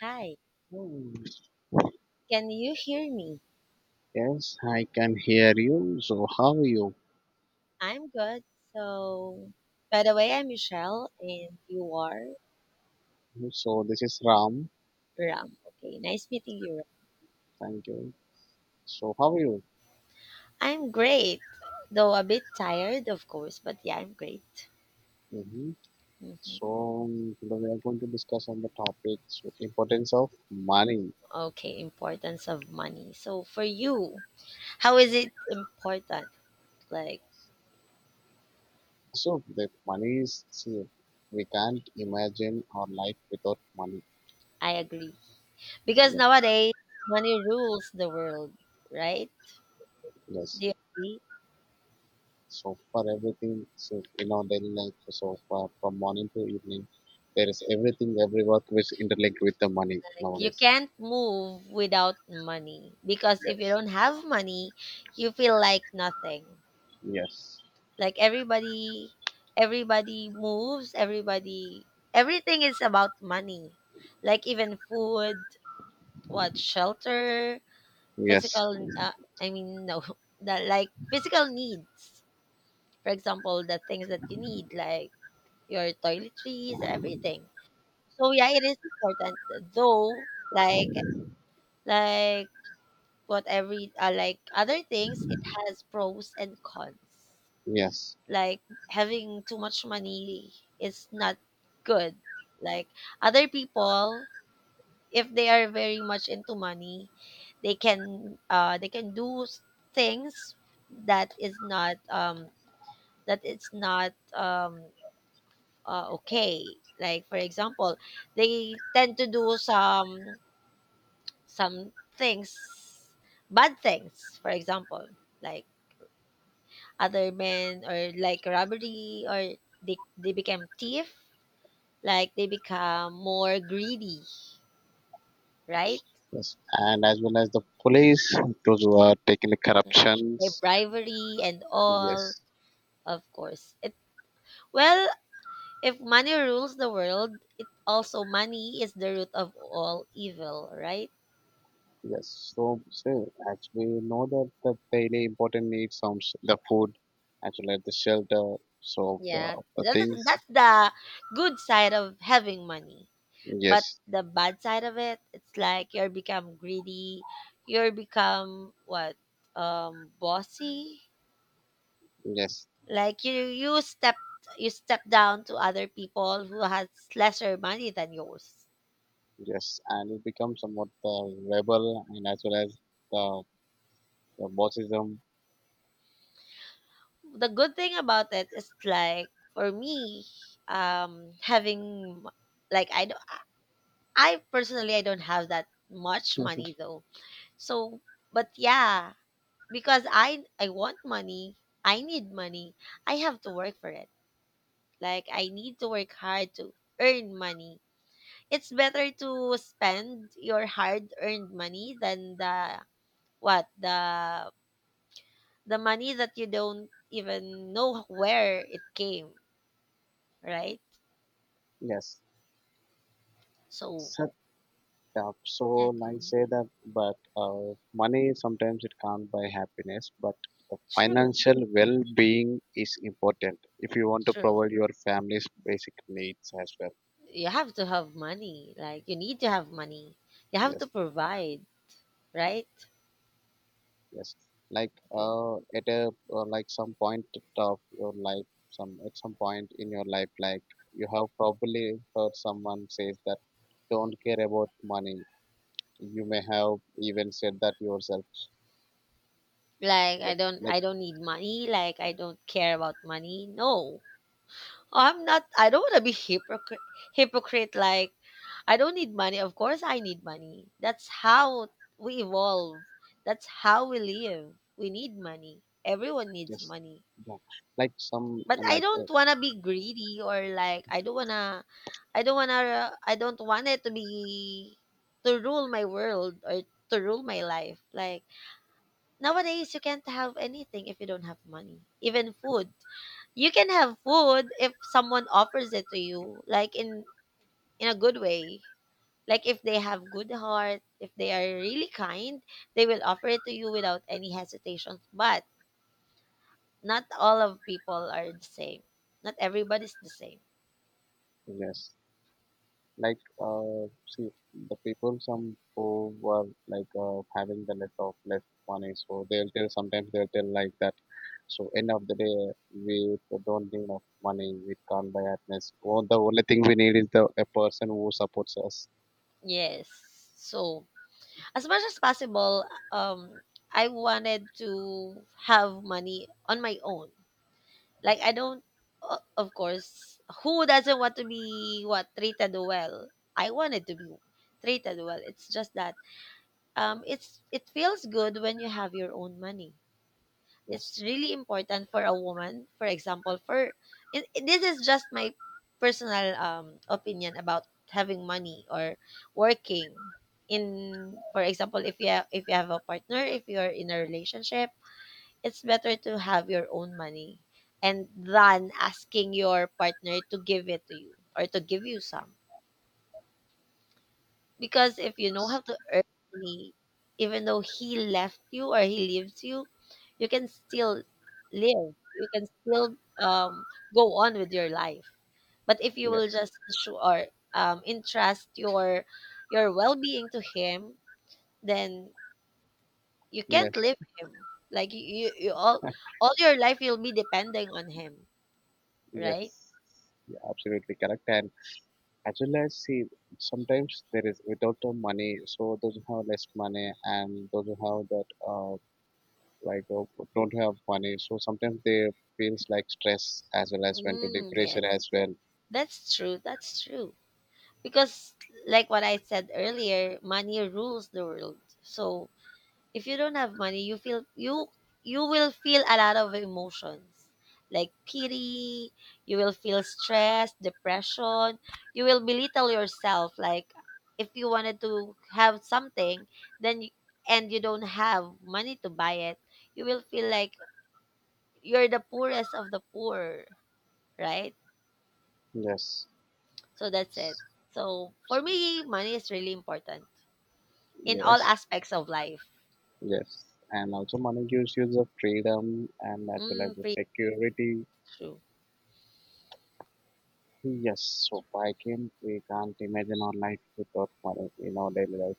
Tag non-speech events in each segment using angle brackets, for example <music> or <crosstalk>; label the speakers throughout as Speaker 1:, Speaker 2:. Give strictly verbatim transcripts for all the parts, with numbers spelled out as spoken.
Speaker 1: Hi,
Speaker 2: Hmm,
Speaker 1: can you hear me?
Speaker 2: yes, I can hear you. So, how are you?
Speaker 1: I'm good. So, by the way, I'm Michelle and you are
Speaker 2: So, this is Ram.
Speaker 1: Ram. Okay, nice meeting you. Ram.
Speaker 2: Thank you. So, how are you?
Speaker 1: I'm great, though a bit tired, of course, but yeah, I'm great.
Speaker 2: Hmm.
Speaker 1: Mhm.
Speaker 2: So, um, today we are going to discuss on the topic so importance of money.
Speaker 1: Okay, importance of money. So, for you, how is it important? Like,
Speaker 2: So, the money is, see, we can't imagine our life without money.
Speaker 1: I agree. Because
Speaker 2: Yes,
Speaker 1: nowadays, money rules the world, right?
Speaker 2: yes.
Speaker 1: Do you agree?
Speaker 2: So, for everything, so in our daily life, so for, from morning to evening, there is everything, every work which interlinked with the money
Speaker 1: Like, you
Speaker 2: nowadays.
Speaker 1: can't move without money because if you
Speaker 2: Yes,
Speaker 1: don't have money, you feel like nothing.
Speaker 2: yes,
Speaker 1: Like everybody, everybody moves. Everybody, everything is about money. Like even food, what shelter,
Speaker 2: yes.
Speaker 1: physical. Uh, I mean, no, <laughs> that like physical needs. For example, the things that you need, like your toiletries, everything. So yeah, it is important. Though, like like but every uh, like other things, it has pros and cons.
Speaker 2: Yes,
Speaker 1: Like having too much money is not good. Like other people, if they are very much into money, they can uh they can do s- things that is not um that it's not um uh, okay. Like for example, they tend to do some some things, bad things. For example, like other men or like robbery or they, they become thief, like they become more greedy, right?
Speaker 2: yes, and as well as the police, those who are taking the
Speaker 1: They
Speaker 2: corruptions.
Speaker 1: bribery and all.
Speaker 2: Yes,
Speaker 1: Of course, it, well, if money rules the world, it also, money is the root of all evil, right?
Speaker 2: yes. So, so as we know that the daily important needs, um, s- the food, as well as the shelter, so the
Speaker 1: Yeah,
Speaker 2: the
Speaker 1: that's,
Speaker 2: things.
Speaker 1: that's the good side of having money, but
Speaker 2: Yes,
Speaker 1: the bad side of it, it's like you're become greedy, you're become what, um bossy,
Speaker 2: yes,
Speaker 1: like you you step, you step down to other people who has lesser money than yours.
Speaker 2: yes, and it becomes somewhat the rebel, and as well as the the bossism.
Speaker 1: The good thing about it is like for me, um having, like I don't, I personally, I don't have that much money though. So but yeah, because i i want money, I need money, I have to work for it. Like I need to work hard to earn money. It's better to spend your hard earned money than the, what? The the money that you don't even know where it came, right?
Speaker 2: <laughs> Yes.
Speaker 1: So.
Speaker 2: So up so nice
Speaker 1: Mm.
Speaker 2: say that, but uh, money sometimes it can't buy happiness, but the
Speaker 1: True,
Speaker 2: financial well-being is important if you want to
Speaker 1: true.
Speaker 2: provide your family's basic needs as well.
Speaker 1: You have to have money. Like you need to have money. You have
Speaker 2: Yes,
Speaker 1: to provide, right?
Speaker 2: yes, like
Speaker 1: Okay.
Speaker 2: uh, at a uh, like some point of your life, some at some point in your life, like you have probably heard someone says that don't care about money, you may have even said that yourself.
Speaker 1: Like I
Speaker 2: Like.
Speaker 1: don't I don't need money, like I don't care about money. No. Oh, I'm not, I don't wanna be hypocrite hypocrite, like I don't need money. Of course, I need money. That's how we evolve. That's how we live. We need money. Everyone needs
Speaker 2: Yes.
Speaker 1: money.
Speaker 2: Yeah. Like some,
Speaker 1: But I
Speaker 2: like uh,
Speaker 1: don't wanna be greedy or like I don't wanna, I don't wanna, I don't want it to be to rule my world or to rule my life. Like nowadays, you can't have anything if you don't have money. Even food, you can have food if someone offers it to you, like in in a good way. Like if they have good heart, if they are really kind, they will offer it to you without any hesitation. But not all of people are the same. Not everybody's the same.
Speaker 2: yes. Like uh see, the people some who were like uh, having the less of less money, so they'll tell, sometimes they'll tell like that, so end of the day, we don't need enough money, we can't buy happiness. Oh, the only thing we need is the a person who supports us.
Speaker 1: Yes. So as much as possible, um, I wanted to have money on my own. Like I don't, o- of course, who doesn't want to be what treated well? I wanted to be treated well. It's just that um, it's it feels good when you have your own money.
Speaker 2: Yes,
Speaker 1: It's really important for a woman, for example, for, and this is just my personal um opinion about having money or working in. For example, if you have, if you have a partner, if you're in a relationship, it's better to have your own money and than asking your partner to give it to you or to give you some. Because if you know how to earn money, even though he left you or he leaves you, you can still live. You can still um, go on with your life. But if you will
Speaker 2: yes,
Speaker 1: just show or um, entrust your your well being to him, then you can't
Speaker 2: yes,
Speaker 1: leave him. Like you, you, you all all your life you'll be depending on him,
Speaker 2: yes,
Speaker 1: right?
Speaker 2: yeah, absolutely correct. And as well as, see, sometimes there is without the money, so those who have less money and those who have that uh, like uh, don't have money, so sometimes they feels like stress as well as went to
Speaker 1: Mm, yes,
Speaker 2: depression as well.
Speaker 1: that's true. That's true. Because like what I said earlier, money rules the world. So if you don't have money, you feel you, you will feel a lot of emotions, like pity, you will feel stress, depression, you will belittle yourself. Like if you wanted to have something, then you, and you don't have money to buy it, you will feel like you're the poorest of the poor, right?
Speaker 2: Yes,
Speaker 1: So that's it. So for me, money is really important in all
Speaker 2: yes,
Speaker 1: aspects of life.
Speaker 2: yes, and also money gives you the freedom and as well as
Speaker 1: Mm,
Speaker 2: the
Speaker 1: pretty
Speaker 2: security.
Speaker 1: true.
Speaker 2: Yes, so I can, we can't imagine our life without money in our daily life.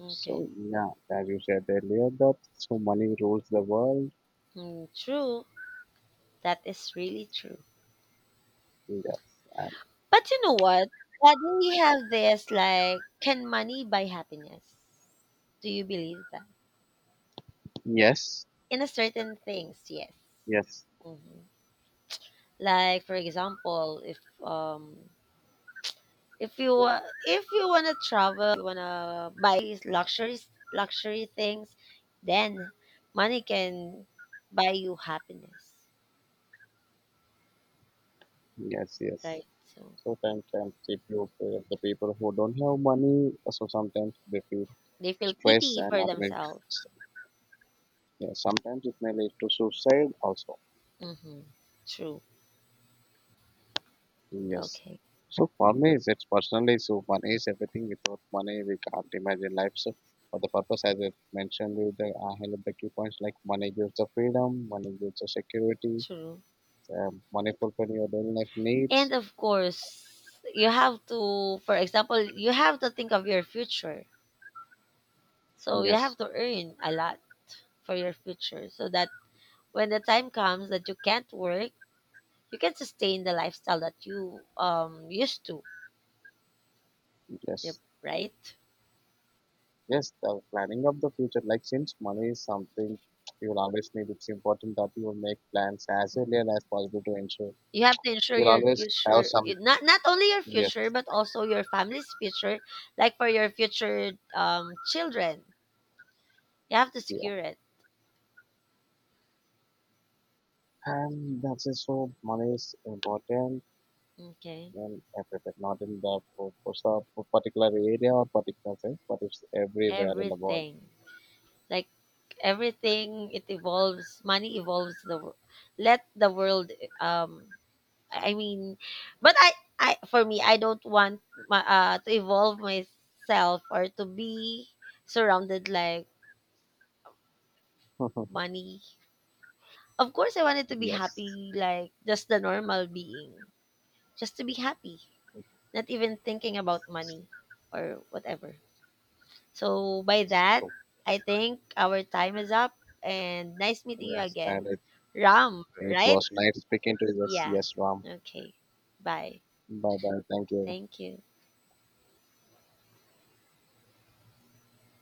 Speaker 1: Okay.
Speaker 2: So yeah, as you said earlier, that so money rules the world.
Speaker 1: Mm, true. That is really true.
Speaker 2: Yes, and
Speaker 1: But you know what? That we have this like, can money buy happiness? Do you believe that?
Speaker 2: yes,
Speaker 1: In a certain things, yes.
Speaker 2: yes,
Speaker 1: Hmm. Like for example, if um if you wa- if you wanna travel, you wanna buy these luxuries luxury things, then money can buy you happiness,
Speaker 2: yes, yes.
Speaker 1: right? So.
Speaker 2: So sometimes they feel for the people who don't have money, so sometimes they feel
Speaker 1: They feel
Speaker 2: stress
Speaker 1: pity
Speaker 2: and
Speaker 1: for
Speaker 2: ultimately,
Speaker 1: themselves.
Speaker 2: yeah, sometimes it may lead to suicide also.
Speaker 1: Mm-hmm. True.
Speaker 2: Yes.
Speaker 1: Okay.
Speaker 2: So for me, it's personally so money is everything. Without money, we can't imagine life. So for the purpose, as I mentioned, with the I highlight the key points like money gives the freedom, money gives the security,
Speaker 1: True.
Speaker 2: um, money fulfilling your daily life needs.
Speaker 1: And of course, you have to, for example, you have to think of your future. So you
Speaker 2: Yes,
Speaker 1: have to earn a lot for your future so that when the time comes that you can't work, you can sustain the lifestyle that you um used to. Yep,
Speaker 2: yes.
Speaker 1: right?
Speaker 2: Yes, the planning of the future, like since money is something you will always need, it's important that you will make plans as early as possible to ensure
Speaker 1: You have to ensure
Speaker 2: you will
Speaker 1: your
Speaker 2: always have
Speaker 1: future,
Speaker 2: some.
Speaker 1: not not only your future,
Speaker 2: Yes,
Speaker 1: but also your family's future, like for your future um, children. You have to
Speaker 2: yeah,
Speaker 1: secure it.
Speaker 2: and that's it. So money is important
Speaker 1: Okay.
Speaker 2: in everything, not in the for, for some particular area or particular thing, but it's everywhere in the world.
Speaker 1: Everything. Like everything it evolves, money evolves the wor- let the world um I I mean, but I I for me, I don't want my, uh to evolve myself or to be surrounded like
Speaker 2: <laughs>
Speaker 1: money. Of course I wanted to be
Speaker 2: Yes.
Speaker 1: happy like just the normal being. Just to be happy, not even thinking about money or whatever. So by that,
Speaker 2: So
Speaker 1: I think our time is up and nice meeting you
Speaker 2: yes, and
Speaker 1: again.
Speaker 2: it,
Speaker 1: Ram,
Speaker 2: it
Speaker 1: right?
Speaker 2: was nice speaking to you. Yes,
Speaker 1: Yeah.
Speaker 2: yes, Ram.
Speaker 1: Okay. Bye.
Speaker 2: Bye bye. Thank you.
Speaker 1: Thank you.